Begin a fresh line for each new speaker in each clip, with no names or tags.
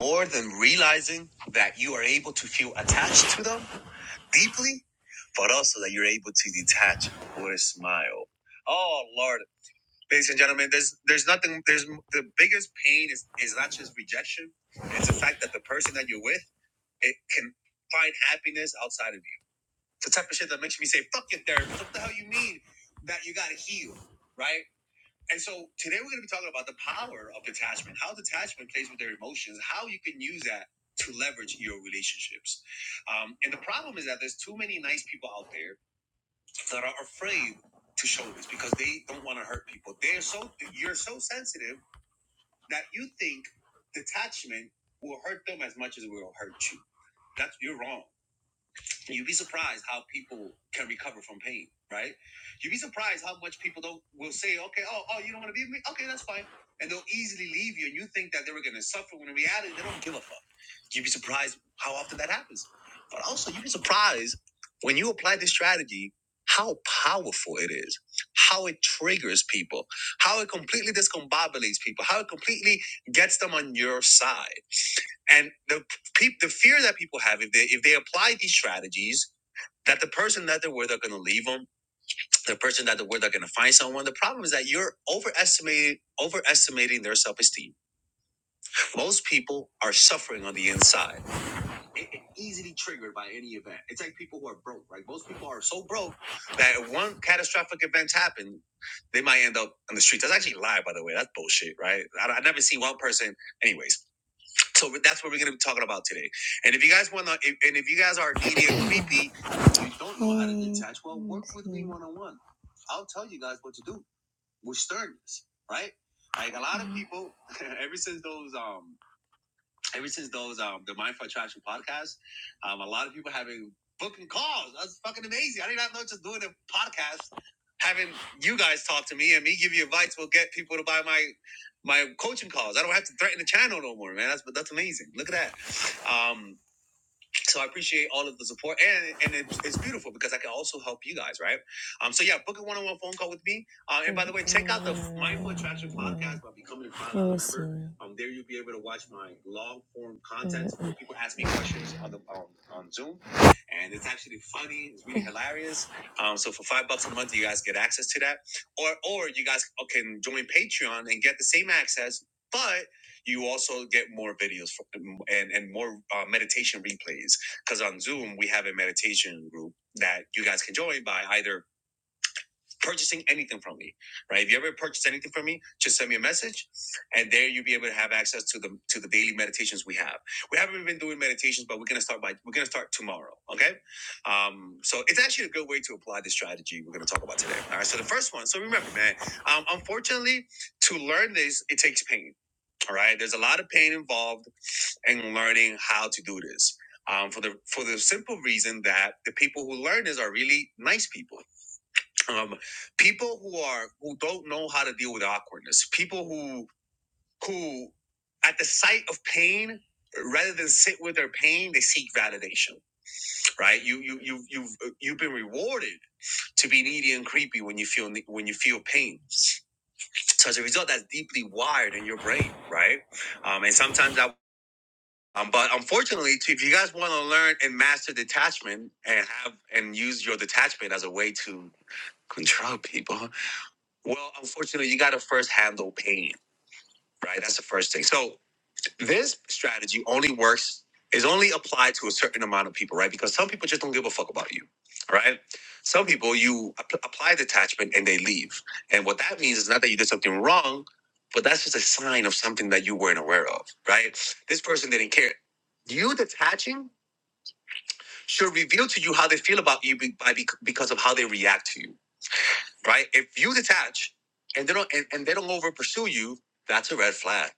more than realizing that you are able to feel attached to them deeply, but also that you're able to detach with a smile. Oh Lord, ladies and gentlemen, there's there's nothing. There's the biggest pain is is not just rejection; it's the fact that the person that you're with it can find happiness outside of you. It's the type of shit that makes me say, "Fuck your therapist." What the hell you mean that you gotta heal, right? And so today we're going to be talking about the power of detachment, how detachment plays with their emotions, how you can use that to leverage your relationships. Um, and the problem is that there's too many nice people out there that are afraid to show this because they don't want to hurt people. They're so you're so sensitive that you think detachment will hurt them as much as it will hurt you. That's you're wrong. You'd be surprised how people can recover from pain, right? You'd be surprised how much people don't will say, okay, oh, oh, you don't want to be with me? Okay, that's fine. And they'll easily leave you and you think that they were gonna suffer when in reality they don't give a fuck. You'd be surprised how often that happens. But also you'd be surprised when you apply this strategy, how powerful it is, how it triggers people, how it completely discombobulates people, how it completely gets them on your side. And the pe- the fear that people have if they if they apply these strategies that the person that they were they're going to leave them the person that they were they're going to find someone the problem is that you're overestimating overestimating their self-esteem most people are suffering on the inside They are easily triggered by any event it's like people who are broke right most people are so broke that if one catastrophic event happen they might end up on the streets that's actually a lie by the way that's bullshit right i, I never see one person anyways so that's what we're going to be talking about today. And if you guys want to, if, and if you guys are needy and creepy, you don't know how to Hmm, detach. Well, work with me one on one. I'll tell you guys what to do with sternness, right? Like a lot of Mhm. people, ever since those um ever since those um the Mindful Attraction podcast, um, a lot of people having booking calls. That's fucking amazing. I did not know just doing a podcast, having you guys talk to me and me give you advice will get people to buy my my coaching calls. I don't have to threaten the channel no more, man. That's that's amazing. Look at that. Um, so I appreciate all of the support, and and it, it's beautiful because I can also help you guys, right? Um, so yeah, book a one-on-one phone call with me. Uh, and by the way, check out the Mindful Attraction podcast by becoming a Prime member. Um, there you'll be able to watch my long-form content where people ask me questions on the on, on Zoom, and it's actually funny. It's really hilarious. Um, so for five bucks a month, you guys get access to that, or or you guys can join Patreon and get the same access, but you also get more videos from, and and more uh, meditation replays because on Zoom we have a meditation group that you guys can join by either purchasing anything from me, right? If you ever purchase anything from me, just send me a message, and there you'll be able to have access to the to the daily meditations we have. We haven't been doing meditations, but we're gonna start by we're gonna start tomorrow. Okay, um, so it's actually a good way to apply the strategy we're gonna talk about today. All right, so the first one. So remember, man, um, unfortunately, to learn this, it takes pain. All right, there's a lot of pain involved and learning how to do this. Um, for the for the simple reason that the people who learn this are really nice people, um, people who are who don't know how to deal with awkwardness, people who who at the sight of pain, rather than sit with their pain, they seek validation. Right? You you you you've you've been rewarded to be needy and creepy when you feel when you feel pain. So as a result, that's deeply wired in your brain, right? Um, and sometimes that. Um, but unfortunately, too, if you guys want to learn and master detachment and have and use your detachment as a way to control people, well, unfortunately, you got to first handle pain, right? That's the first thing. So this strategy only works is only applied to a certain amount of people, right? Because some people just don't give a fuck about you, right? Some people you app- apply detachment and they leave, and what that means is not that you did something wrong, but that's just a sign of something that you weren't aware of, right? This person didn't care you detaching should reveal to you how they feel about you be- by bec- because of how they react to you, right? If you detach and they don't and, and they don't over pursue you, that's a red flag,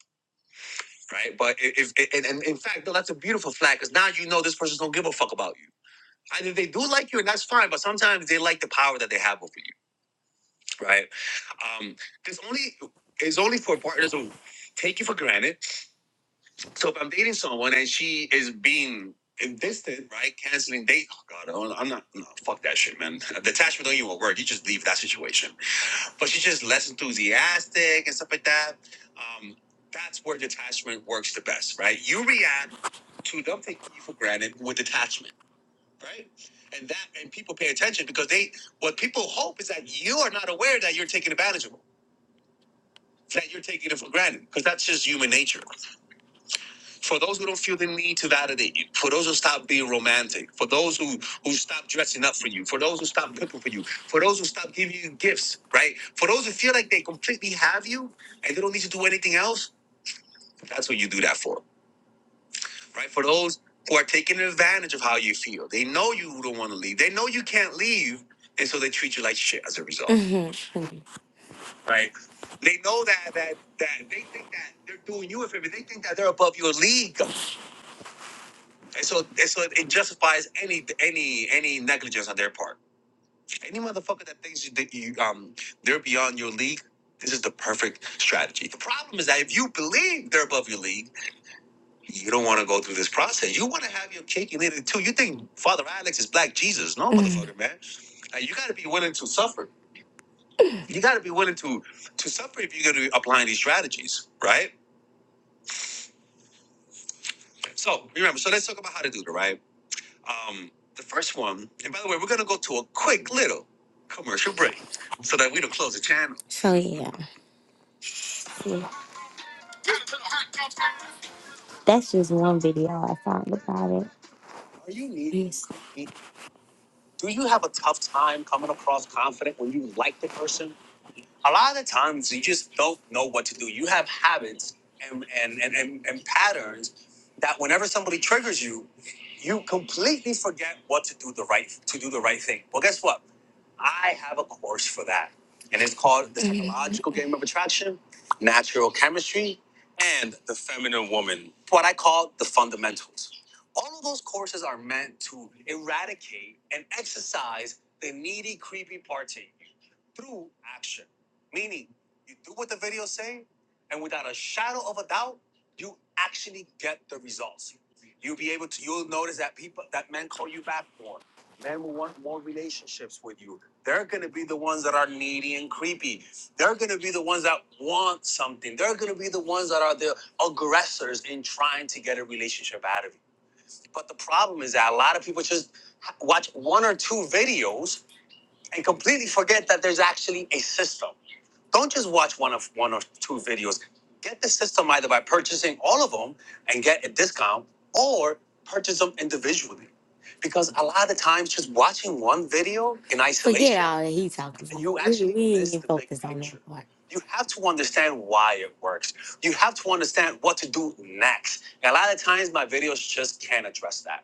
right? But i- if and, and in fact, no, that's a beautiful flag because now you know this person don't give a fuck about you. Either they do like you, and that's fine, but sometimes they like the power that they have over you, right? Um, this only is only for partners who take you for granted So if I'm dating someone and she is being distant, right? Canceling date. Oh God, I'm I'm not. No, fuck that shit, man. Detachment don't even work. You just leave that situation. But she's just less enthusiastic and stuff like that. Um, that's where detachment works the best, right? You react to them taking you for granted with detachment, right? And that and people pay attention because they what people hope is that you are not aware that you're taking advantage of them, that you're taking it for granted because that's just human nature. For those who don't feel the need to validate you, for those who stop being romantic, for those who who stop dressing up for you, for those who stop cooking for you, for those who stop giving you gifts, right? For those who feel like they completely have you and they don't need to do anything else, that's what you do that for, right? For those who are taking advantage of how you feel, they know you don't want to leave, they know you can't leave, and so they treat you like shit as a result, Mhm. right? They know that that that they think that they're doing you a favor. They think that they're above your league And so, and so it justifies any any any negligence on their part. Any motherfucker that thinks you, that you um they're beyond your league, this is the perfect strategy. The problem is that if you believe they're above your league, you don't want to go through this process. You want to have your cake and eat it too. You think Father Alex is Black Jesus? No, motherfucker, man. Like, you got to be willing to suffer. You got to be willing to to suffer if you're going to be applying these strategies, right? So remember, so let's talk about how to do it, right? Um, the first one, and by the way, we're gonna go to a quick little commercial break so that we don't close the channel. So yeah, see, that's just one video I found about it. Are you needy? Yes. Do you have a tough time coming across confident when you like the person? A lot of times you just don't know what to do. You have habits and and and, and, and patterns that whenever somebody triggers you, you completely forget what to do the right to do the right thing. Well, guess what? I have a course for that, and it's called The Psychological Game of Attraction, Natural Chemistry, and The Feminine Woman, what I call the fundamentals. All of those courses are meant to eradicate and exercise the needy, creepy part to you through action. Meaning, you do what the video say, and without a shadow of a doubt, you actually get the results. You'll be able to. You'll notice that people, that men call you back more. Men will want more relationships with you. They're going to be the ones that are needy and creepy. They're going to be the ones that want something. They're going to be the ones that are the aggressors in trying to get a relationship out of you. But the problem is that a lot of people just watch one or two videos and completely forget that there's actually a system. Don't just watch one of one or two videos. Get the system either by purchasing all of them and get a discount or purchase them individually. Because a lot of times just watching one video in Forget isolation forget all that he talking about. you We, actually we ain't miss even the big focused on picture. that picture. part. You have to understand why it works. You have to understand what to do next. And a lot of times my videos just can't address that.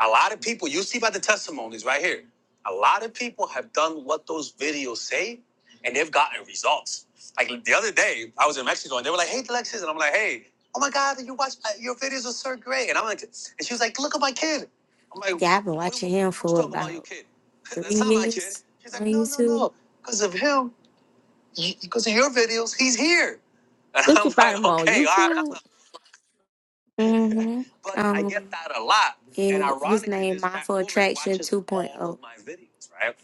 A lot of people, you see by the testimonies right here, a lot of people have done what those videos say and they've gotten results. Like the other day, I was in Mexico and they were like, hey, Alexis. And I'm like, hey, oh my God, you watch, uh, your videos are so great. And I'm like, and she was like, look at my kid. I'm like, Yeah, I've been what, are watching him who's for talking about your about kid? three That's not my kid. years She's on like, no, no, YouTube. no. Because of him, because of your videos, he's here. And
Did
I'm
you
like,
find them on
okay, all right
YouTube?
hmm But I Um, get Um, that a lot. And yeah, his ironically, name this fat Mindful woman Attraction watches all 2.0. of my videos, right?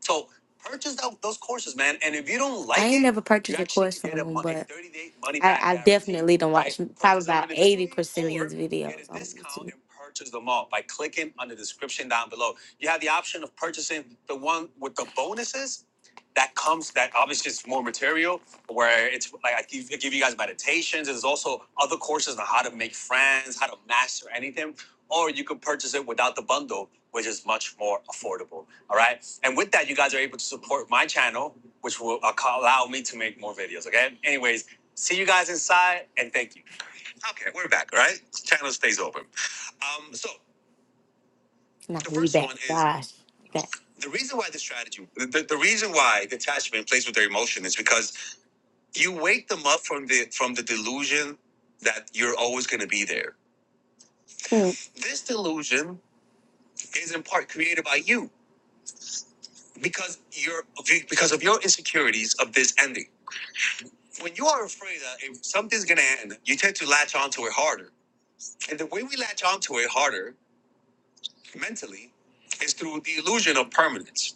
So purchase tho- those courses, man. And if you don't like, I like ain't it, never you purchased a actually course can from get a, him, mon- a but 30 day money I, back I guarantee definitely don't by watch probably purchasing them about them eighty individually percent of his or get videos a on discount YouTube. and purchase them all by clicking on the description down below. You have the option of purchasing the one with the bonuses that comes that obviously is more material where it's like I give, I give you guys meditations. There's also other courses on how to make friends, how to master anything or you could purchase it without the bundle, which is much more affordable. All right. And with that, you guys are able to support my channel, which will allow me to make more videos. Okay. Anyways, see you guys inside and thank you. Okay. We're back. Right? Channel stays open. Um, so Not the we first back. one is Gosh. Back. the reason why the strategy the, the the reason why detachment plays with their emotion is because you wake them up from the from the delusion that you're always going to be there Mm. this delusion is in part created by you because you're because of your insecurities of this ending. When you are afraid that if something's gonna end, you tend to latch onto it harder. And the way we latch onto it harder mentally is through the illusion of permanence.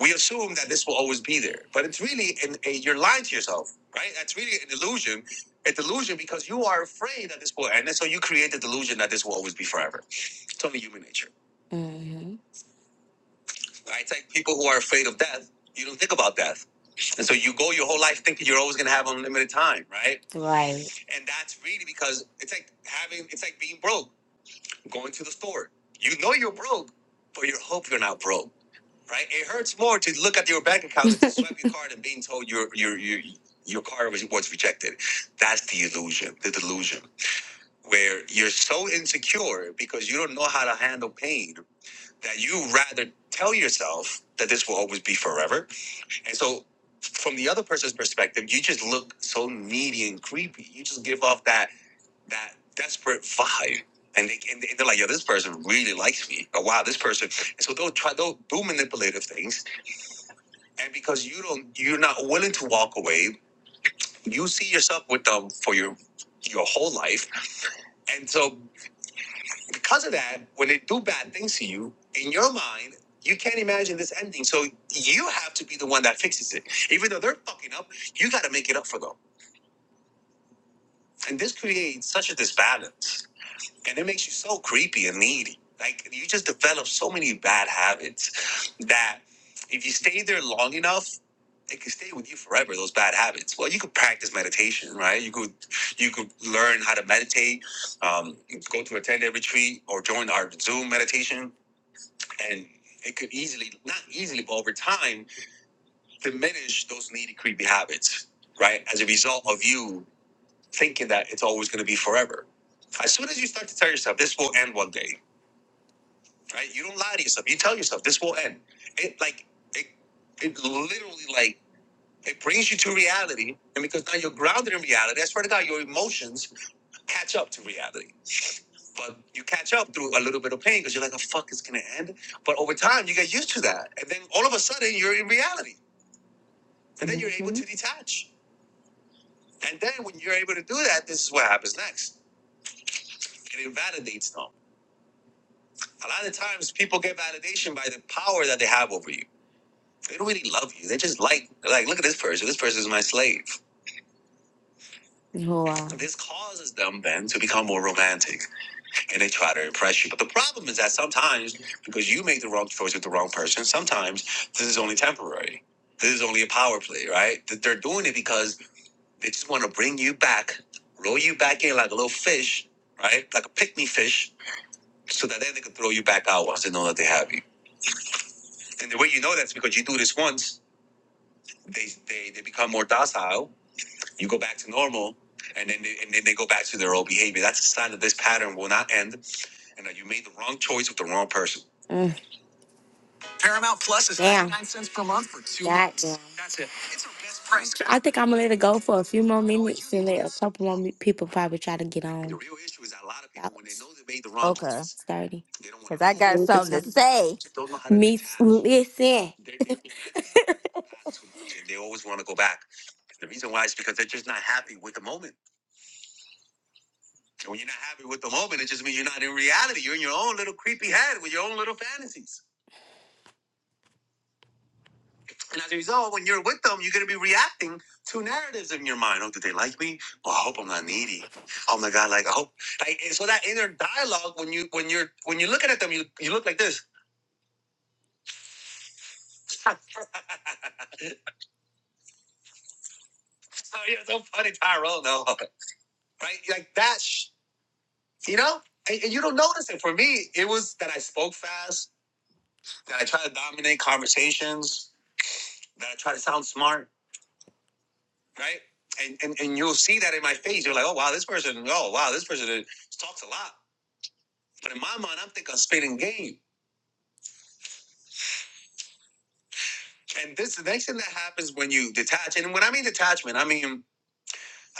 We assume that this will always be there, but it's really an, a, you're lying to yourself, right? That's really an illusion. A delusion because you are afraid that this will end, and so you create the delusion that this will always be forever. It's only human nature. hmm Right? It's like people who are afraid of death. You don't think about death And so you go your whole life thinking you're always going to have unlimited time, right? Right. And that's really because it's like having, it's like being broke, going to the store. You know you're broke, but you hope you're not broke, right? It hurts more to look at your bank account and to swipe your card and being told your your your your card was, was rejected. That's the illusion, the delusion, where you're so insecure because you don't know how to handle pain that you rather tell yourself that this will always be forever and so, from the other person's perspective, you just look so needy and creepy. You just give off that that desperate vibe, and they and they're like, "Yo, this person really likes me." Or, "Wow, this person." And so they'll try they'll do manipulative things, and because you don't, you're not willing to walk away. You see yourself with them for your your whole life, and so because of that, when they do bad things to you, in your mind. You can't imagine this ending, so you have to be the one that fixes it. Even though they're fucking up, you got to make it up for them And this creates such a disbalance. And it makes you so creepy and needy. Like you just develop so many bad habits that if you stay there long enough, it can stay with you forever, those bad habits. Well, you could practice meditation, right? You could you could learn how to meditate, um, go to a 10 day retreat or join our Zoom meditation. And it could easily, not easily, but over time, diminish those needy, creepy habits, right? As a result of you thinking that it's always going to be forever. As soon as you start to tell yourself this will end one day, right? You don't lie to yourself. You tell yourself this will end. It like it it literally like it brings you to reality, and because now you're grounded in reality, I swear to God, your emotions catch up to reality. But you catch up through a little bit of pain because you're like, "Oh fuck, it's gonna end." But over time, you get used to that, and then all of a sudden, you're in reality, and then you're able to detach. And then when you're able to do that, this is what happens next. And It invalidates them A lot of times people get validation by the power that they have over you. They don't really love you. They just like they're like, look at this person. This person is my slave. Wow. This causes them then to become more romantic and they try to impress you. But the problem is that sometimes, because you make the wrong choice with the wrong person, sometimes this is only temporary. This is only a power play, right? That they're doing it because they just want to bring you back, roll you back in like a little fish, right? Like a pick me fish, so that then they can throw you back out once they know that they have you. And the way you know that's because you do this once, they they, they become more docile. You go back to normal, and then they, and then they go back to their old behavior. That's a sign that this pattern will not end, and that you made the wrong choice with the wrong person. Mm. Paramount Plus is Damn. 99 cents per month for two God months. damn. That's it. It's our best price. I think I'm gonna let it go for a few more minutes and let a couple more me- people probably try to get on. The real issue is that a lot of people, when they know they made the wrong
Okay,
choice, 30. They don't want
because
to
I
leave. I
got
think we could
something to
talk.
say.
Don't know how to- Me, listen. They- they- they always want to go back. The reason why is because they're just not happy with the moment. And when you're not happy with the moment, it just means you're not in reality. You're in your own little creepy head with your own little fantasies. And as a result, when you're with them, you're going to be reacting to narratives in your mind. Oh, do they like me? Well, I hope I'm not needy. Oh my God, like I hope. Like, and so that inner dialogue, when you when you're when you're looking at them, you you look like this. oh, you're so funny, Tyrone. No, right? Like that. you know, and, and you don't notice it. For me, it was that I spoke fast, that I tried to dominate conversations, that I tried to sound smart, right? And, and and you'll see that in my face. You're like, oh wow, this person, oh wow, this person is- talks a lot. But in my mind, I'm thinking I'm spitting game. And this the next thing that happens when you detach, and when I mean detachment, I mean a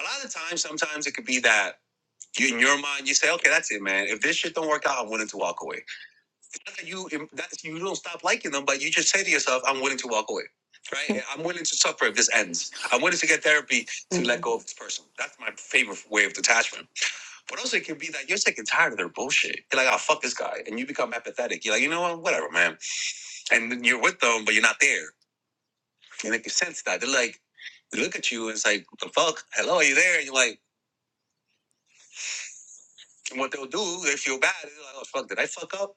lot of times, sometimes it could be that you in your mind you say, okay, that's it, man. If this shit don't work out, I'm willing to walk away. Not that you that's you don't stop liking them, but you just say to yourself, "I'm willing to walk away." Right? I'm willing to suffer if this ends. I'm willing to get therapy to let go of this person. That's my favorite way of detachment. But also, it can be that you're sick and tired of their bullshit. You're like, "Oh fuck this guy," and you become apathetic. You're like, "You know what? Whatever, man." And then you're with them, but you're not there. And they can sense that they're like, they look at you and it's like, "What the fuck? Hello, are you there?" And you're like, and what they'll do, they feel bad. They're like, "Oh fuck, did I fuck up?"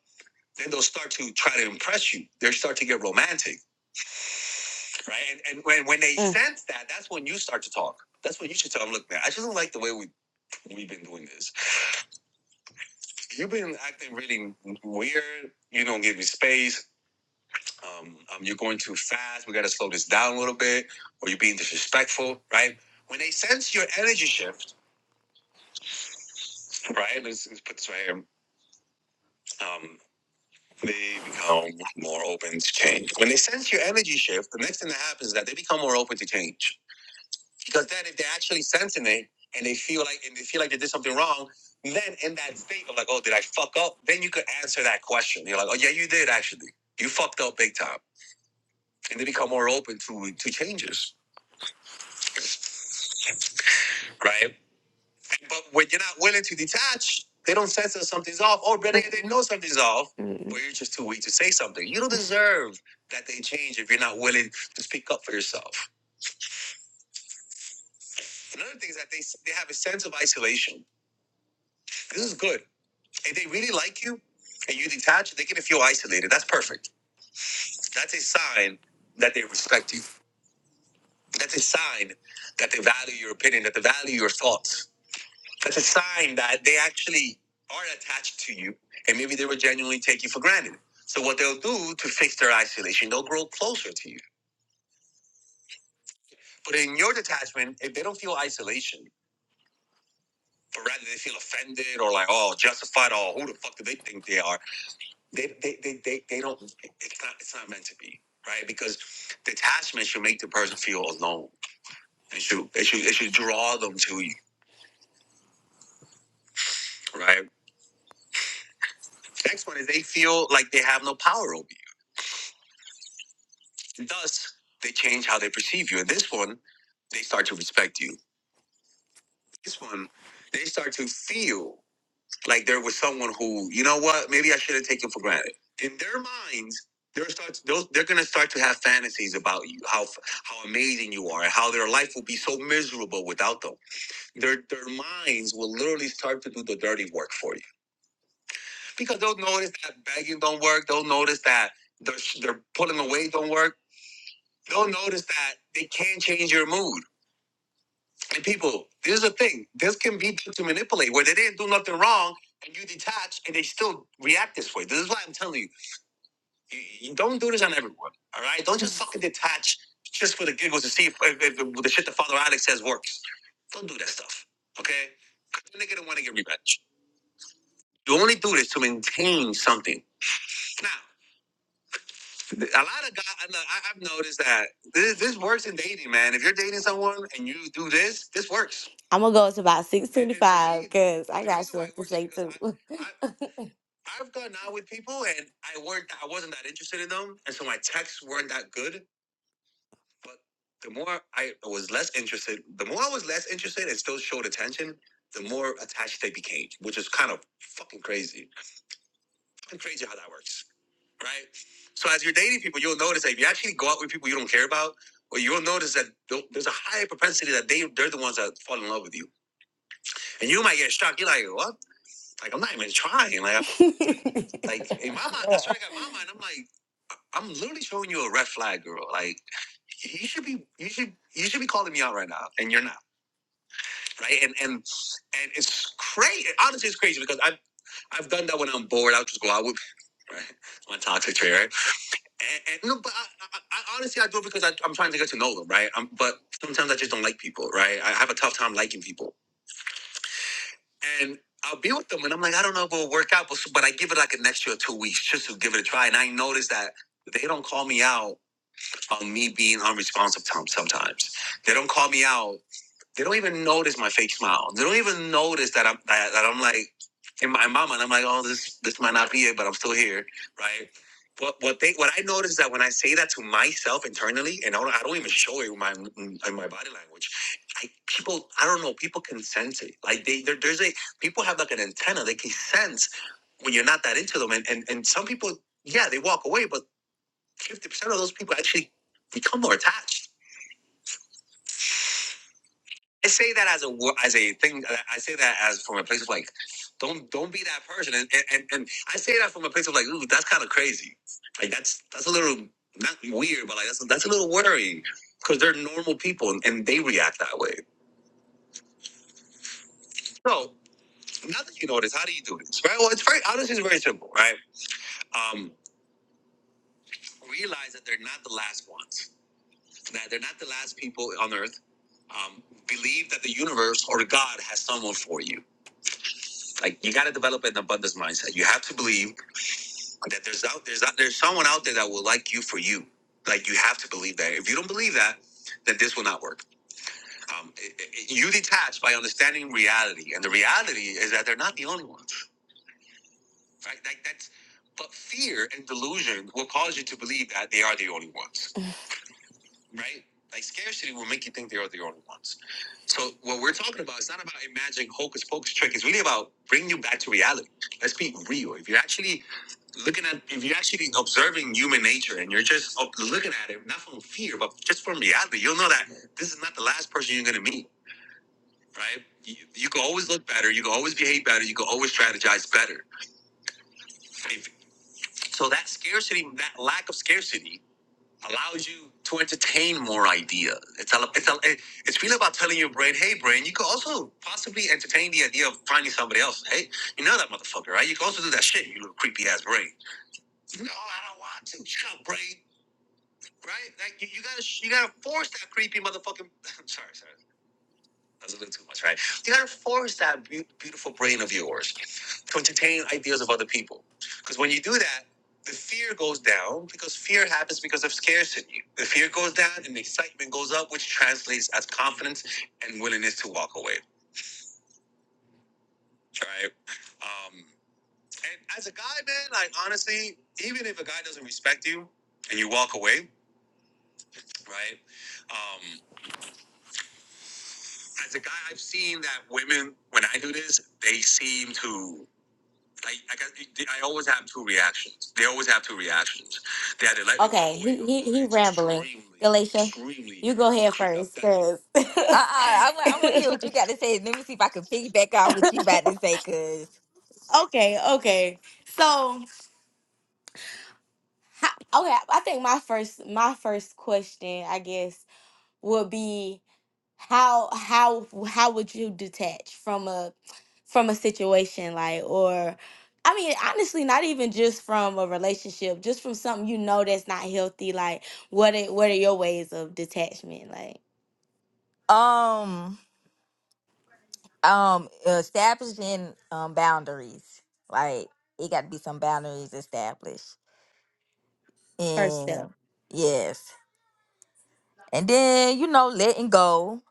Then they'll start to try to impress you. They will start to get romantic right? And, and when when they Mm. sense that, that's when you start to talk. That's when you should tell them, look, man, I just don't like the way we we've been doing this. You've been acting really weird. You don't give me space. Um, um, you're going too fast. We got to slow this down a little bit, or you're being disrespectful, right? When they sense your energy shift, right? Let's, let's put this right here. Um, they become more open to change. When they sense your energy shift, the next thing that happens is that they become more open to change Because then if they're actually sensing it and they feel like and they feel like they did something wrong, then in that state of like, oh, did I fuck up? Then you could answer that question. You're like, oh yeah, you did actually. You fucked up big time. And they become more open to to changes. Right? But when you're not willing to detach, they don't sense that something's off. Or better yet, they know something's off. Mm. But you're just too weak to say something. You don't deserve that they change if you're not willing to speak up for yourself. Another thing is that they they have a sense of isolation. This is good If they really like you and you detach, they're gonna feel isolated. That's perfect. That's a sign that they respect you. That's a sign that they value your opinion, that they value your thoughts. That's a sign that they actually are attached to you and maybe they will genuinely take you for granted. So what they'll do to fix their isolation, they'll grow closer to you. But in your detachment, if they don't feel isolation, but rather they feel offended or like, oh, justified, oh, who the fuck do they think they are? they they, they, they they don't it's not it's not meant to be right because detachment should make the person feel alone it should it should it should draw them to you right next one is they feel like they have no power over you thus they change how they perceive you and this one they start to respect you this one they start to feel Like there was someone who, you know what? Maybe I should have taken for granted. In their minds, they're start they'll, they're gonna start to have fantasies about you, how f- how amazing you are, and how their life will be so miserable without them. Their their minds will literally start to do the dirty work for you because they'll notice that begging don't work. They'll notice that they're they're pulling away don't work. They'll notice that they can't change your mood And people, this is the thing. This can be done to manipulate where they didn't do nothing wrong and you detach and they still react this way. This is why I'm telling you, you, you don't do this on everyone. All right. Don't just fucking detach just for the giggles to see if, if, if the shit that Father Alex says works. Don't do that stuff. Okay? Because the nigga don't want to get revenge. You only do this to maintain something. Now. a lot of guys, I know, I- I've noticed that this, this works in dating, man. If you're dating someone and you do this, this works. I'm gonna go to about six And, and the 625 reason, because I the got reason why stuff it something to works is say because too. I, I, I've gone out with people and I weren't, I wasn't that interested in them, and so my texts weren't that good. But the more I was less interested, the more I was less interested and still showed attention, the more attached they became, which is kind of fucking crazy. Fucking crazy how that works right? So as you're dating people, you'll notice that if you actually go out with people you don't care about, or you'll notice that there's a high propensity that they they're the ones that fall in love with you, and you might get shocked. You're like, what? Like I'm not even trying. Like I, like in my mind, that's what I got in my mind. I'm like, I'm literally showing you a red flag, girl. Like you should be you should you should be calling me out right now and you're not right and and and it's crazy honestly it's crazy because i've i've done that when i'm bored i'll just go out with right, my toxic trait right And, and no, but I, I, I honestly I do it because I, I'm trying to get to know them, right? Um but sometimes I just don't like people, right? I have a tough time liking people, and I'll be with them, and I'm like, I don't know if it'll work out, but, so, but I give it like an extra two weeks just to give it a try, and I notice that they don't call me out on me being unresponsive tom- sometimes. They don't call me out they don't even notice my fake smile. They don't even notice that I'm that, that I'm like in my mama and I'm like, oh, this this might not be it, but I'm still here, right? What what they what I notice is that when I say that to myself internally, and I don't, I don't even show it in my in my body language, I people I don't know people can sense it. Like they there, there's a people have like an antenna. They can sense when you're not that into them, and and, and some people yeah they walk away, but fifty percent of those people actually become more attached I say that as a wo- as a thing. I say that as from a place of like, don't don't be that person. And and, and I say that from a place of like, ooh, that's kind of crazy. Like that's that's a little not weird, but like that's that's a little worrying because they're normal people and, and they react that way. So now that you know this, how do you do this? Right. Well, it's very honestly, it's very simple. Right. Um, realize that they're not the last ones. That they're not the last people on Earth. Um, believe that the universe or God has someone for you Like you gotta develop an abundance mindset. You have to believe that there's out there's out there's someone out there that will like you for you. Like you have to believe that. If you don't believe that, then this will not work. Um, it- it- you detach by understanding reality, and the reality is that they're not the only ones, right? Like that's. But fear and delusion will cause you to believe that they are the only ones right? Like scarcity will make you think they're the only ones. So what we're talking about is not about imagining hocus pocus trick. It's really about bringing you back to reality. Let's be real. If you're actually looking at, if you're actually observing human nature and you're just up- looking at it, not from fear, but just from reality, you'll know that this is not the last person you're going to meet, right? You, you can always look better. You can always behave better. You can always strategize better. If, so that scarcity, that lack of scarcity allows you to entertain more ideas. It's a, it's a, it's really about telling your brain, hey, brain, you could also possibly entertain the idea of finding somebody else. Hey, you know that motherfucker, right? You could also do that shit, you little creepy ass brain. No, I don't want to. Shut up, brain. Right? Like you, you gotta, you gotta force that creepy motherfucking. I'm sorry, sorry. That's a little too much, right? You gotta force that beau- beautiful brain of yours to entertain ideas of other people. Because when you do that, the fear goes down because fear happens because of scarcity. The fear goes down and the excitement goes up, which translates as confidence and willingness to walk away, right? Um, and as a guy, man, like honestly, even if a guy doesn't respect you and you walk away, right? Um, as a guy, I've seen that women, when I do this, they seem to I, I, got, they- I always have two reactions. They always have two reactions. They either let me Okay, operate he on he, or he rambling. extremely, Galatia, extremely you go ahead first,
Uh,
offensive.
uh I, wa- I want to
cause
hear what you got to say. Let me see if I can piggyback off what you about to say. Cause
okay, okay. So ho- okay, I think my first my first question, I guess, would be. how how how would you detach from a from a situation like or I mean honestly not even just from a relationship just from something you know that's not healthy like what are, what are your ways of detachment like
um um establishing um boundaries, like it got to be some boundaries established,
first step
and yes, and then you know letting go,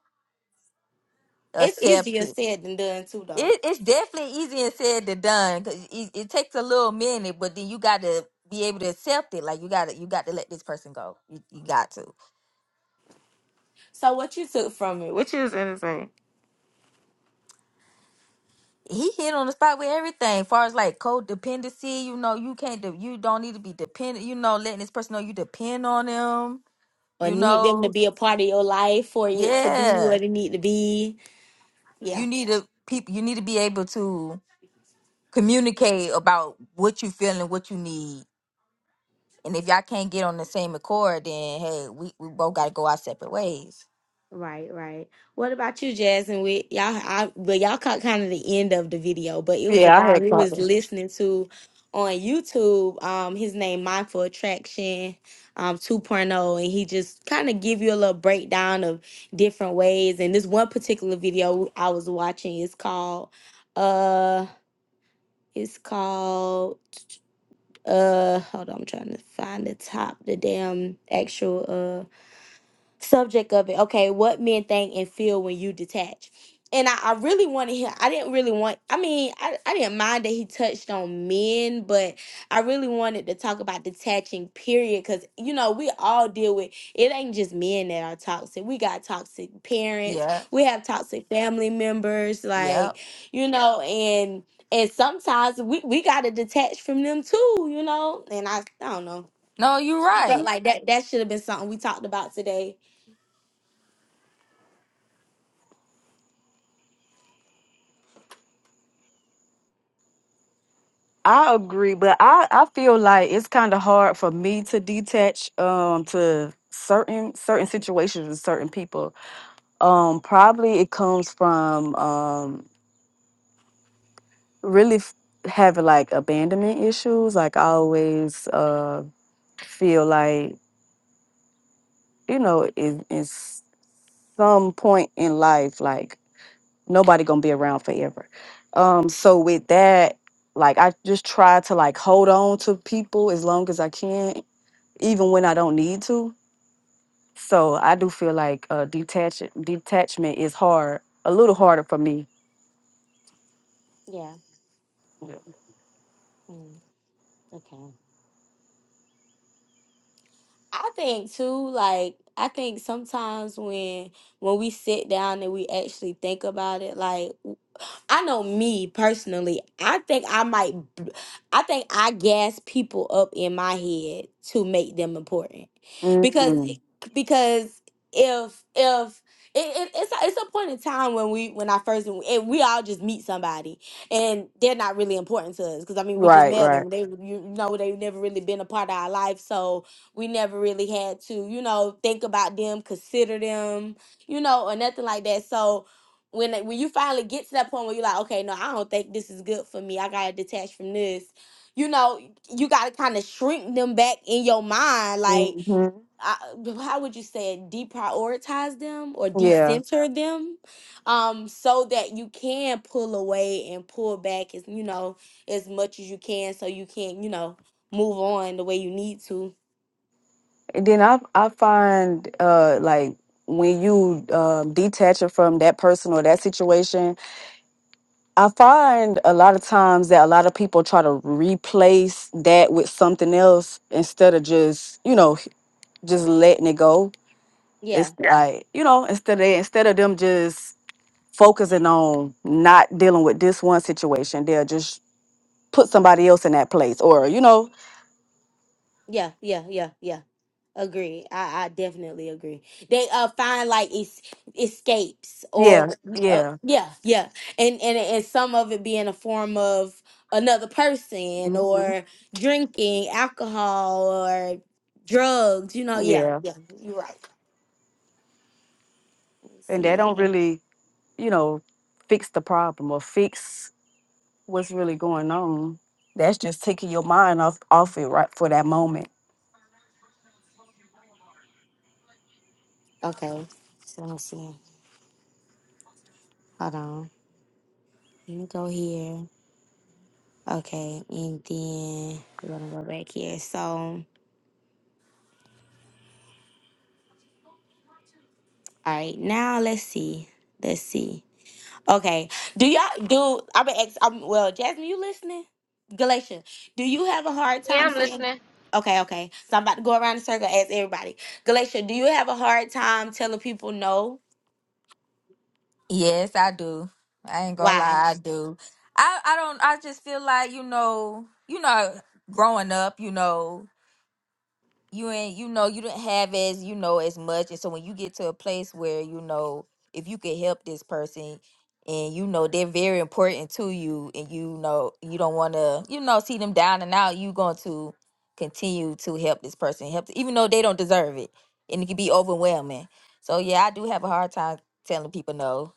it's
accept.
easier said than done too though
It, it's definitely easier said than done 'cause it, it takes a little minute, but then you got to be able to accept it. Like you got to you got to let this person go. You, you got to.
so what you took from it what you was gonna say
He hit on the spot with everything. As far as like codependency, you know, you can't de- you don't need to be dependent. You know, letting this person know you depend on them.
or
You
need them to
know,
be a part of your life for it to be
yeah,
what it need to be yeah.
you need to people. You need to be able to communicate about what you feel and what you need. And if y'all can't get on the same accord, then hey, we, we both got to go our separate ways.
Right, right. What about you, Jasmine? We y'all, I well, y'all caught kind of the end of the video, but it was the
Yeah, I
guy
had
we
caught
was
them.
listening to on YouTube. Um, his name Mindful Attraction, um, 2.0, and he just kind of give you a little breakdown of different ways. And this one particular video I was watching is called, uh, it's called, uh, hold on, I'm trying to find the top, the damn actual, uh, subject of it. Okay, what men think and feel when you detach. And I, I really wanted him. I didn't really want. I mean, I, I didn't mind that he touched on men, but I really wanted to talk about detaching. Period, because you know we all deal with. It ain't just men that are toxic. We got toxic parents.
Yeah,
We have toxic family members.
yeah.
Like you know, and and sometimes we we gotta detach from them too. You know, and I I don't know.
No, you're
I felt
right.
like that that should have been something we talked about today.
I agree, but I, I feel like it's kind of hard for me to detach um to certain certain situations and certain people. Um, probably it comes from um really f- having like abandonment issues. Like I always uh feel like you know in, in s- some point in life, like nobody gonna be around forever. Um, so with that, like I just try to like hold on to people as long as I can, even when I don't need to. So I do feel like uh, detach detachment is hard, a little harder for me.
Yeah.
Yeah.
Mm, okay. I think too, like I think sometimes when when we sit down and we actually think about it, like I know me personally. I think I might. b- I think I gas people up in my head to make them important, because
Mm,
because if if it, it, it's a, it's a point in time when we when I first and we all just meet somebody and they're not really important to us because I mean we just
right,
met
right.
them they you know they've never really been a part of our life so we never really had to you know think about them consider them you know or nothing like that so when it- when you finally get to that point where you're like, okay, no, I don't think this is good for me. I gotta detach from this. You know, you gotta kind of shrink them back in your mind. Like,
hmm
I, how would you say it? Deprioritize them or
Yeah.
decenter them, um, so that you can pull away and pull back as you know as much as you can, so you can you know move on the way you need to.
And then I I find uh like when you um, detach it from that person or that situation, I find a lot of times that a lot of people try to replace that with something else instead of just you know just letting it go.
Yeah,
It's Yeah. like you know instead of instead of them just focusing on not dealing with this one situation, they'll just put somebody else in that place or you know
yeah, yeah, yeah, yeah. Agree. I, I definitely agree. They uh find like es- escapes or
yeah
uh,
yeah
yeah, yeah, and, and and some of it being a form of another person
hmm
or drinking alcohol or drugs. You know, yeah,
yeah
yeah. You're right. Let me
and they
see.
don't Mhm. really you know, fix the problem or fix what's really going on. That's just taking your mind off off it right for that moment.
Okay, so let's see. Hold on. Let me go here. Okay, and then we're gonna go back here. So all right, now let's see. Let's see. Okay. Do y'all do? I'm gonna ask. Um, well, Jasmine, you listening? Galatia, do you have a hard
Yeah,
time
I'm
saying?
listening.
Okay, okay. So I'm about to go around the circle. Ask everybody. Galatia, do you have a hard time telling people no?
Yes, I do. I ain't gonna
Why?
lie, I do. I I don't. I just feel like you know, you know, growing up, you know. you ain't you know you didn't have as you know as much and so when you get to a place where you know if you could help this person and you know they're very important to you and you know you don't want to you know see them down and out you going to continue to help this person help even though they don't deserve it and it can be overwhelming so yeah i do have a hard time telling people no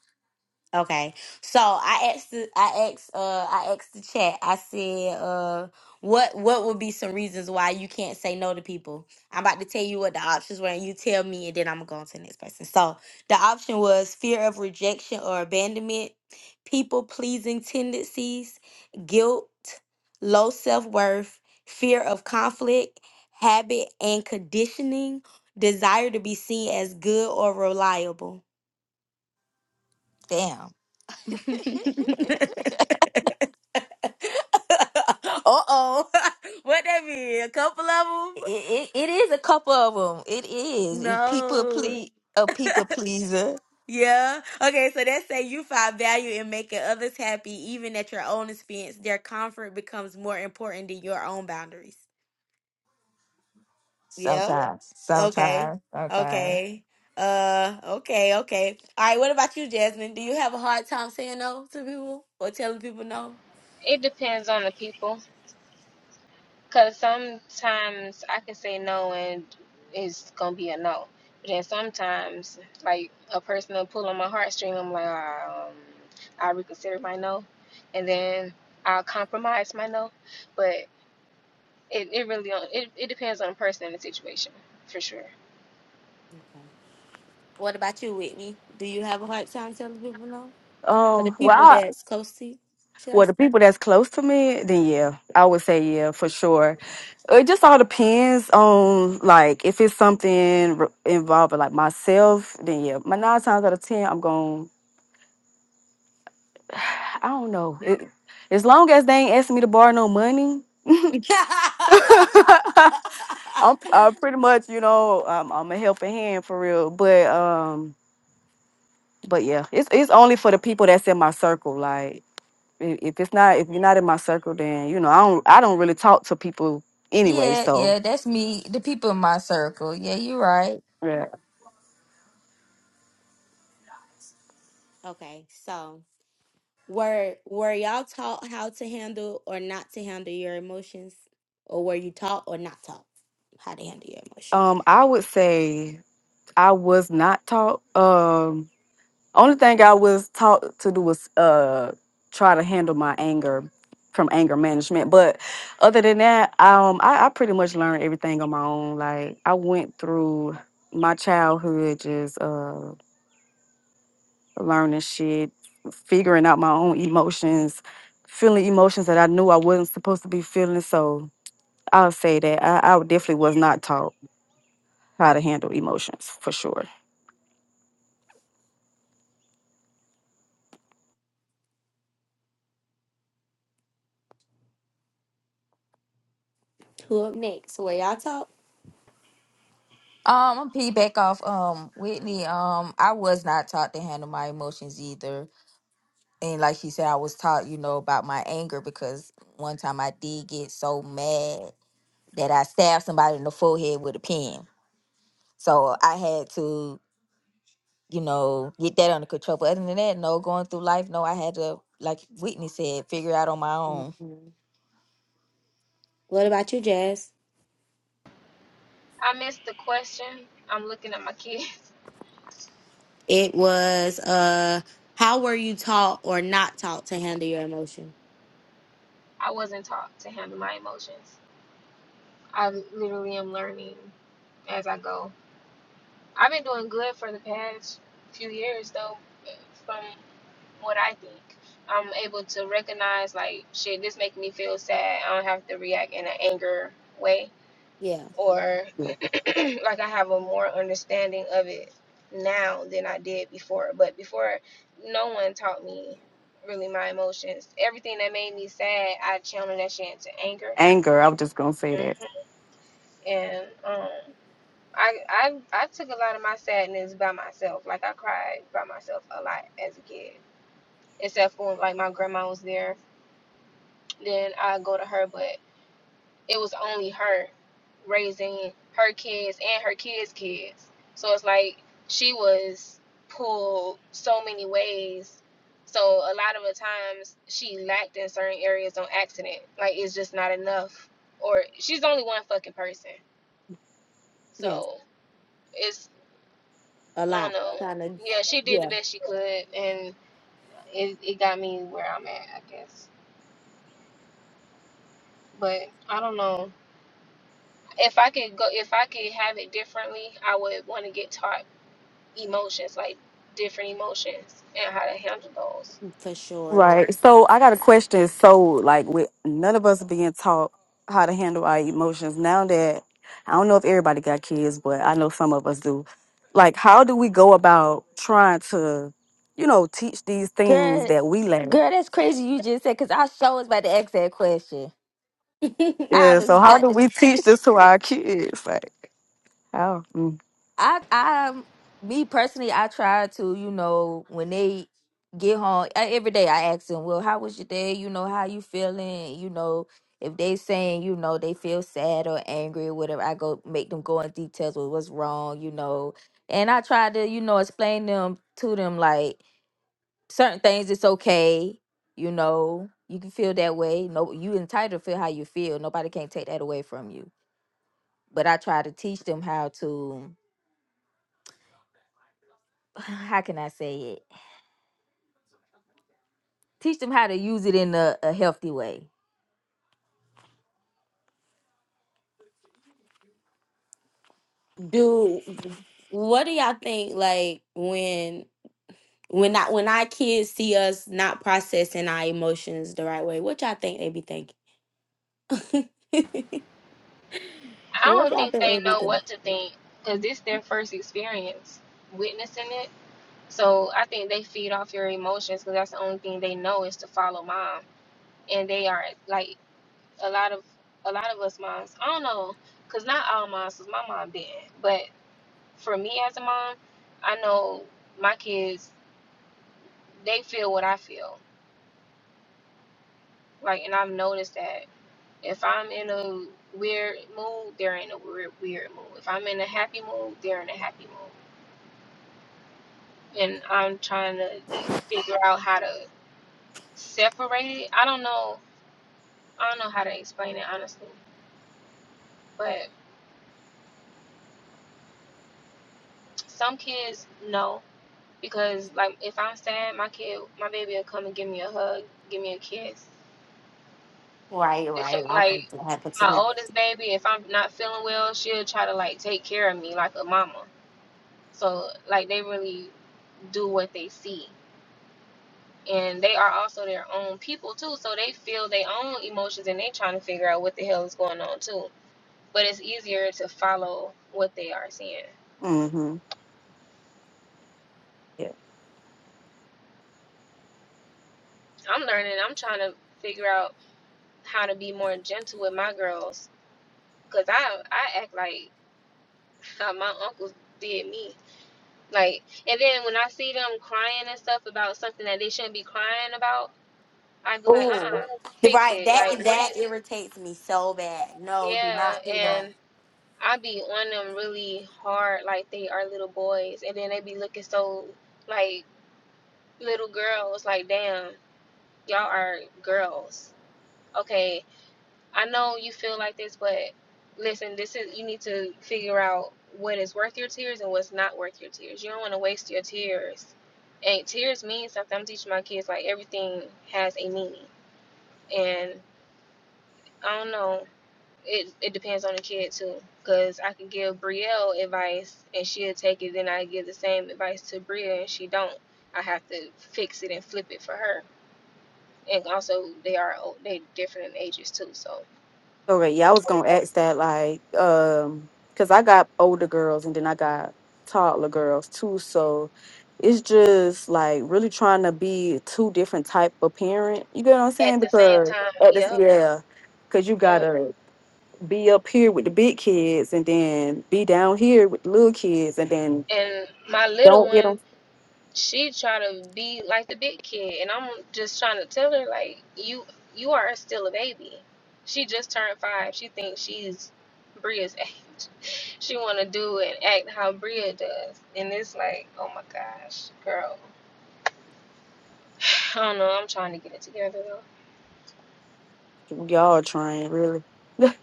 Okay. So I asked the, I asked uh I asked the chat. I said uh what what would be some reasons why you can't say no to people? I'm about to tell you what the options were and you tell me and then I'm gonna go on to the next person. So the option was fear of rejection or abandonment, people pleasing tendencies, guilt, low self worth, fear of conflict, habit and conditioning, desire to be seen as good or reliable.
damn
Uh-oh. What that mean? A couple of
it,
them?
it, it is a couple of them it is It- people
No.
please a people pleaser
Yeah. Okay, so that say you find value in making others happy even at your own expense. Their comfort becomes more important than your own boundaries. Yeah.
sometimes
Okay.
sometimes sometimes
Okay. Uh okay, okay. All right, what about you, Jasmine? Do you have a hard time saying no to people or telling people no?
It depends on the people. Because sometimes I can say no and it's going to be a no. But then sometimes, like a person will pull on my heartstring, I'm like, um, i reconsider my no. And then I'll compromise my no. But it, it really on, it, it depends on the person and the situation, for sure.
What about you, Whitney? Do you have a hard time telling people no? For the
Um, well,
people
I,
that's close to you. Should I?
well, the
s-
people that's close to me, then yeah, I would say yeah for sure. It just all depends on like if it's something re- involving like myself, then yeah. My nine times out of ten, I'm going. I don't know. It, as long as they ain't asking me to borrow no money, I'm I'm pretty much, you know, um, I'm a helping hand for real. But um, but yeah, it's it's only for the people that's in my circle. Like i- if it's not if you're not in my circle, then you know, I don't I don't really talk to people anyway.
Yeah,
So
yeah, that's me. The people in my circle. Yeah, you're right.
yeah,
okay, so were were y'all taught how to handle or not to handle your emotions, or were you taught or not taught how to handle your emotions?
um, I would say I was not taught. Um, Only thing I was taught to do was uh try to handle my anger from anger management. But other than that, um I, I pretty much learned everything on my own. Like I went through my childhood just uh learning shit, figuring out my own emotions, feeling emotions that I knew I wasn't supposed to be feeling. So I'll say that I, I definitely was not taught how to handle emotions for sure.
Who up next? Were y'all taught?
Um, I'm piggyback back off um Whitney. Um, I was not taught to handle my emotions either. And like she said, I was taught, you know, about my anger because one time I did get so mad that I stabbed somebody in the forehead with a pen. So I had to, you know, get that under control. But other than that, no, going through life, no, I had to, like Whitney said, figure it out on my own.
Mhm. What about you, Jazz?
I missed the question. I'm looking at my kids.
It was uh, how were you taught or not taught to handle your emotion?
I wasn't taught to handle my emotions. I literally am learning as I go. I've been doing good for the past few years, though, from what I think. I'm able to recognize, like, shit, this making me feel sad. I don't have to react in an anger way.
Yeah,
Or,
Yeah.
like, I have a more understanding of it now than I did before. But before, no one taught me really my emotions. Everything that made me sad, I channeled that shit into anger.
Anger. I was just gonna say that.
Mhm. And, um, I, I I took a lot of my sadness by myself. Like I cried by myself a lot as a kid, except for when, like my grandma was there. Then I go to her, but it was only her raising her kids and her kids' kids. So it's like she was pulled so many ways. So a lot of the times she lacked in certain areas on accident. Like it's just not enough, or she's only one fucking person. So it's.
a
I don't
lot.
know.
Trying to,
Yeah, she did the
yeah,
best she could, and it, it got me where I'm at, I guess. But I don't know if I could go if I could have it differently. I would want to get taught emotions, like different emotions, and how to handle those.
for sure.
Right. So I got a question. So like with none of us being taught how to handle our emotions now that I don't know if everybody got kids, but I know some of us do. Like how do we go about trying to, you know, teach these things
Girl,
that we lack?
girl, that's crazy you just said because I sure was about to ask that question. I
Yeah, so
was
how do
that
we teach this to our kids? Like how?
I I um, me personally I try to you know when they get home e- every day I ask them well how was your day you know how you feeling you know if they saying you know they feel sad or angry or whatever I go make them go in details with what's wrong you know and I try to you know explain them to them like certain things it's okay you know you can feel that way no you entitled to feel how you feel nobody can take that away from you but I try to teach them how to how can I say it? Teach them how to use it in a, a healthy way.
Do what do y'all think? Like when when I when our kids see us not processing our emotions the right way, what y'all think they be thinking?
I
what
don't
y'all
think
think
they
they be
know
thinking?
what to think because this their first experience witnessing it. So I think they feed off your emotions because that's the only thing they know is to follow mom, and they are like a lot of a lot of us moms. I don't know, cause not all moms, 'cause my mom didn't. But for me as a mom, I know my kids. They feel what I feel. Like, and I've noticed that if I'm in a weird mood, they're in a weird weird mood. If I'm in a happy mood, they're in a happy mood. And I'm trying to figure out how to separate it. I don't know. I don't know how to explain it honestly. But some kids know. because like if I'm sad, my kid, my baby will come and give me a hug, give me a kiss.
Right,
If,
right. I
like
think that happened to
my
me.
oldest baby, if I'm not feeling well, she'll try to like take care of me like a mama. So like they really do what they see, and they are also their own people too. So they feel their own emotions and they trying to figure out what the hell is going on too. But it's easier to follow what they are seeing.
Mm-hmm. Yeah.
I'm learning. I'm trying to figure out how to be more gentle with my girls because I I act like how my uncles did me. Like, and then when I see them crying and stuff about something that they shouldn't be crying about, I'd be like, uh
Ooh,
uh fix
right.
it.
That
Like, what do
that
you,
irritates me so bad. No, do not
yeah.
do that.
And i be on them really hard, like they are little boys. And then they be looking so, like, little girls, like, damn, y'all are girls. Okay, I know you feel like this, but listen, this is you need to figure out what is worth your tears and what's not worth your tears. You don't want to waste your tears. And tears mean something. I'm teaching my kids like everything has a meaning. And I don't know. It it depends on the kid too. Cause I could give Brielle advice and she'll take it. Then I give the same advice to Bria and she don't. I have to fix it and flip it for her. And also, they are o- they different in ages too. So
Okay, yeah, I was gonna ask that, like, um, cause I got older girls and then I got toddler girls too, so it's just like really trying to be two different type of parent. You get what I'm
at
saying?
the same
Because
time,
at this,
yep,
yeah, cause you
yeah.
gotta be up here with the big kids and then be down here with the little kids and then
And my little
don't get
one,
them.
she try to be like the big kid, and I'm just trying to tell her like you you are still a baby. She just turned five. She thinks she's Bria's age. She want to do and act how Bria does, and it's like, oh my gosh, girl. I don't know. I'm trying to get it together though.
Y'all trying really?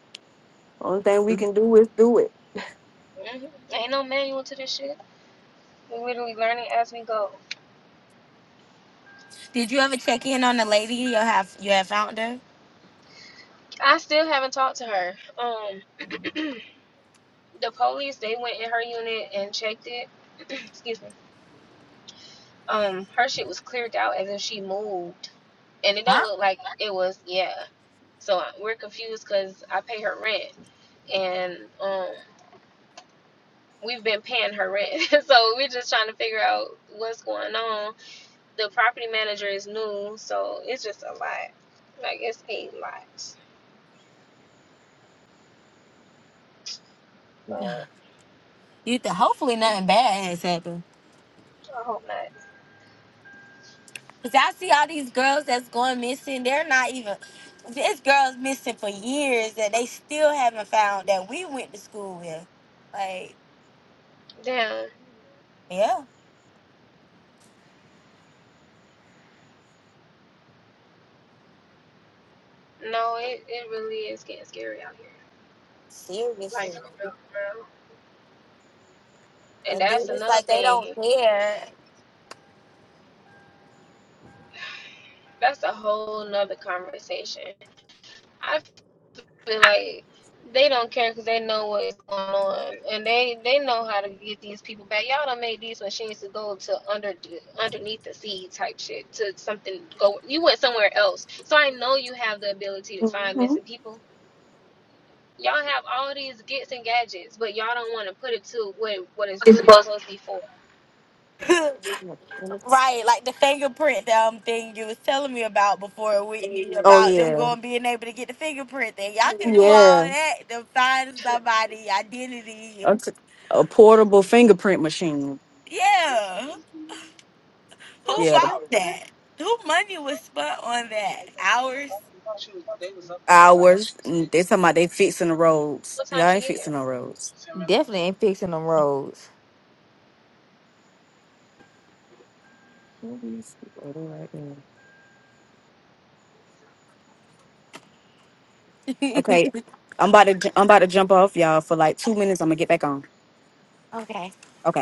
Only thing we can do is do it.
hmm Ain't no manual to this shit. We're literally learning as we go.
Did you ever check in on the lady you have you have found her?
I still haven't talked to her. Um. the police they went in her unit and checked it. Excuse me. Um, her shit was cleared out as if she moved, and it don't
Huh?
look like it was. Yeah. So I- we're confused because I pay her rent, and um, we've been paying her rent. so we're just trying to figure out what's going on. The property manager is new, so it's just a lot. Like it's a lot. But
You th- hopefully nothing bad has happened.
I hope not.
Cause I see all these girls that's going missing. They're not even. This girls missing for years that they still haven't found that we went to school with. Like,
Damn.
yeah,
No, it, it really is getting scary out here. Like
seriously.
for real. And
And then
that's
it's
another
like they
thing.
don't care.
that's a whole nother conversation. I feel like they don't care because they know what's going on, and they they know how to get these people back. Y'all done made these machines to go to under underneath the sea type shit to something go. You went somewhere else, so I know you have the ability to find
hmm
missing people. Y'all have all these gets and gadgets, but y'all don't want to put it to what what it's really supposed to be for.
Right, like the fingerprint um thing you was telling me about before we
Oh
about them
yeah,
going being able to get the fingerprint thing. Y'all can do Yeah. all
yeah.
that to find somebody identity.
A, t- a portable fingerprint machine.
Yeah.
No,
Who
she
Yeah, the
here.
bought that? Who money was spent on that? Hours?
hours. and They talking about they fixing the roads.
What time
Y'all
she
ain't
get here?
fixing no roads.
Definitely ain't fixing them roads.
Oh, they right there. Okay, I'm about to ju- I'm about to jump off y'all for like two minutes. I'm gonna get back on.
Okay.
Okay.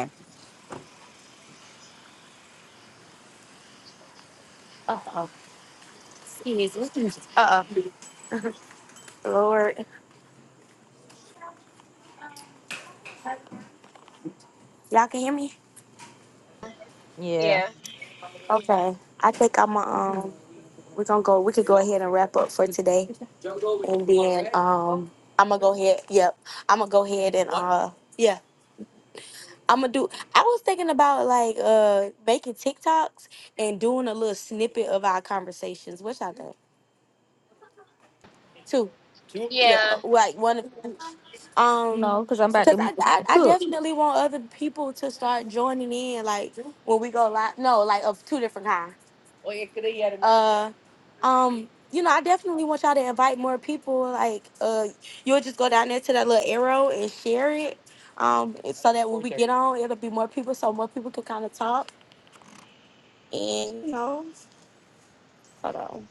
Oh, oh Lord. Y'all can hear me?
Yeah.
Yeah,
Okay. I think I'm going um we're gonna go we could go ahead and wrap up for today. And then um I'm gonna go ahead yep. I'm gonna go ahead and uh yeah. I'm gonna do. I was thinking about like uh making TikToks and doing a little snippet of our conversations. What y'all think? Two, yeah,
yeah.
uh, like one of um,
No, because I'm about
because
to m-
I, I I
cook.
definitely want other people to start joining in. Like when we go live, no, like of two different kinds. Uh, um, you know, I definitely want y'all to invite more people. Like uh, you'll just go down there to that little arrow and share it. Um, so that when we get on, it'll be more people, so more people can kind of talk And you know, hold on.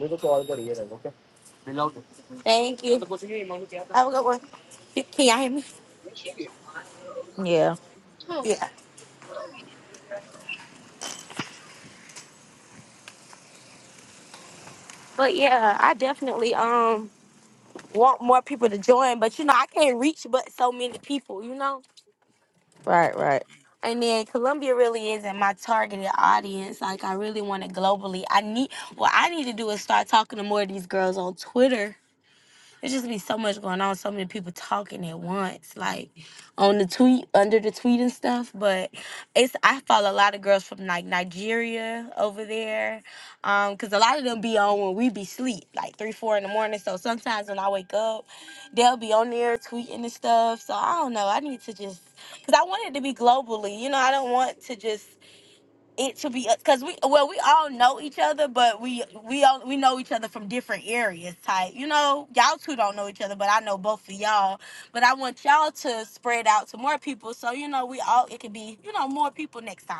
मेरे को और बढ़िया रहेगा okay मिल आउट Thank you. तो कुछ नहीं Have a good one. Can y'all hear me?
Yeah.
Hmm.
Yeah. But yeah, I definitely um want more people to join, but you know, I can't reach but so many people, you know?
Right, right.
And then Columbia really isn't my targeted audience. Like I really want it globally. I need what I need to do is start talking to more of these girls on Twitter There's just be so much going on, so many people talking at once, like on the tweet, under the tweet and stuff. But it's I follow a lot of girls from like Nigeria over there, um, cause a lot of them be on when we be sleep, like three, four in the morning. So sometimes when I wake up, they'll be on there tweeting and stuff. So I don't know. I need to just, cause I want it to be globally. You know, I don't want to just it to be because we well we all know each other, but we we all we know each other from different areas. Type, you know, y'all two don't know each other, but I know both of y'all. But I want y'all to spread out to more people, so you know we all it could be you know more people next time.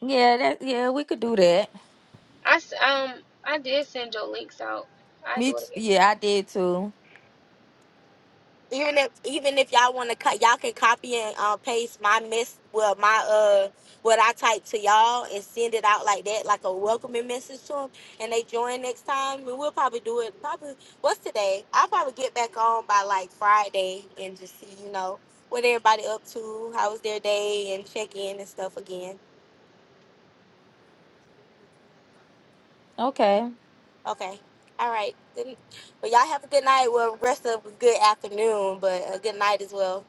Yeah, that yeah, we could do that.
I um I did send your links out. I
Me
do
t-
it again.
yeah, I did too.
even if even if y'all want to cut y'all can copy and uh, paste my mess well my uh what i type to y'all and send it out like that like a welcoming message to them and they join next time and we'll probably do it probably what's today i'll probably get back on by like friday and just see you know what everybody up to how was their day and check in and stuff again
Okay.
okay all right good well y'all have a good night well rest of a good afternoon but a good night as well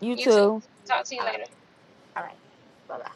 You
You too.
too.
Talk to you
all right
later.
all right bye-bye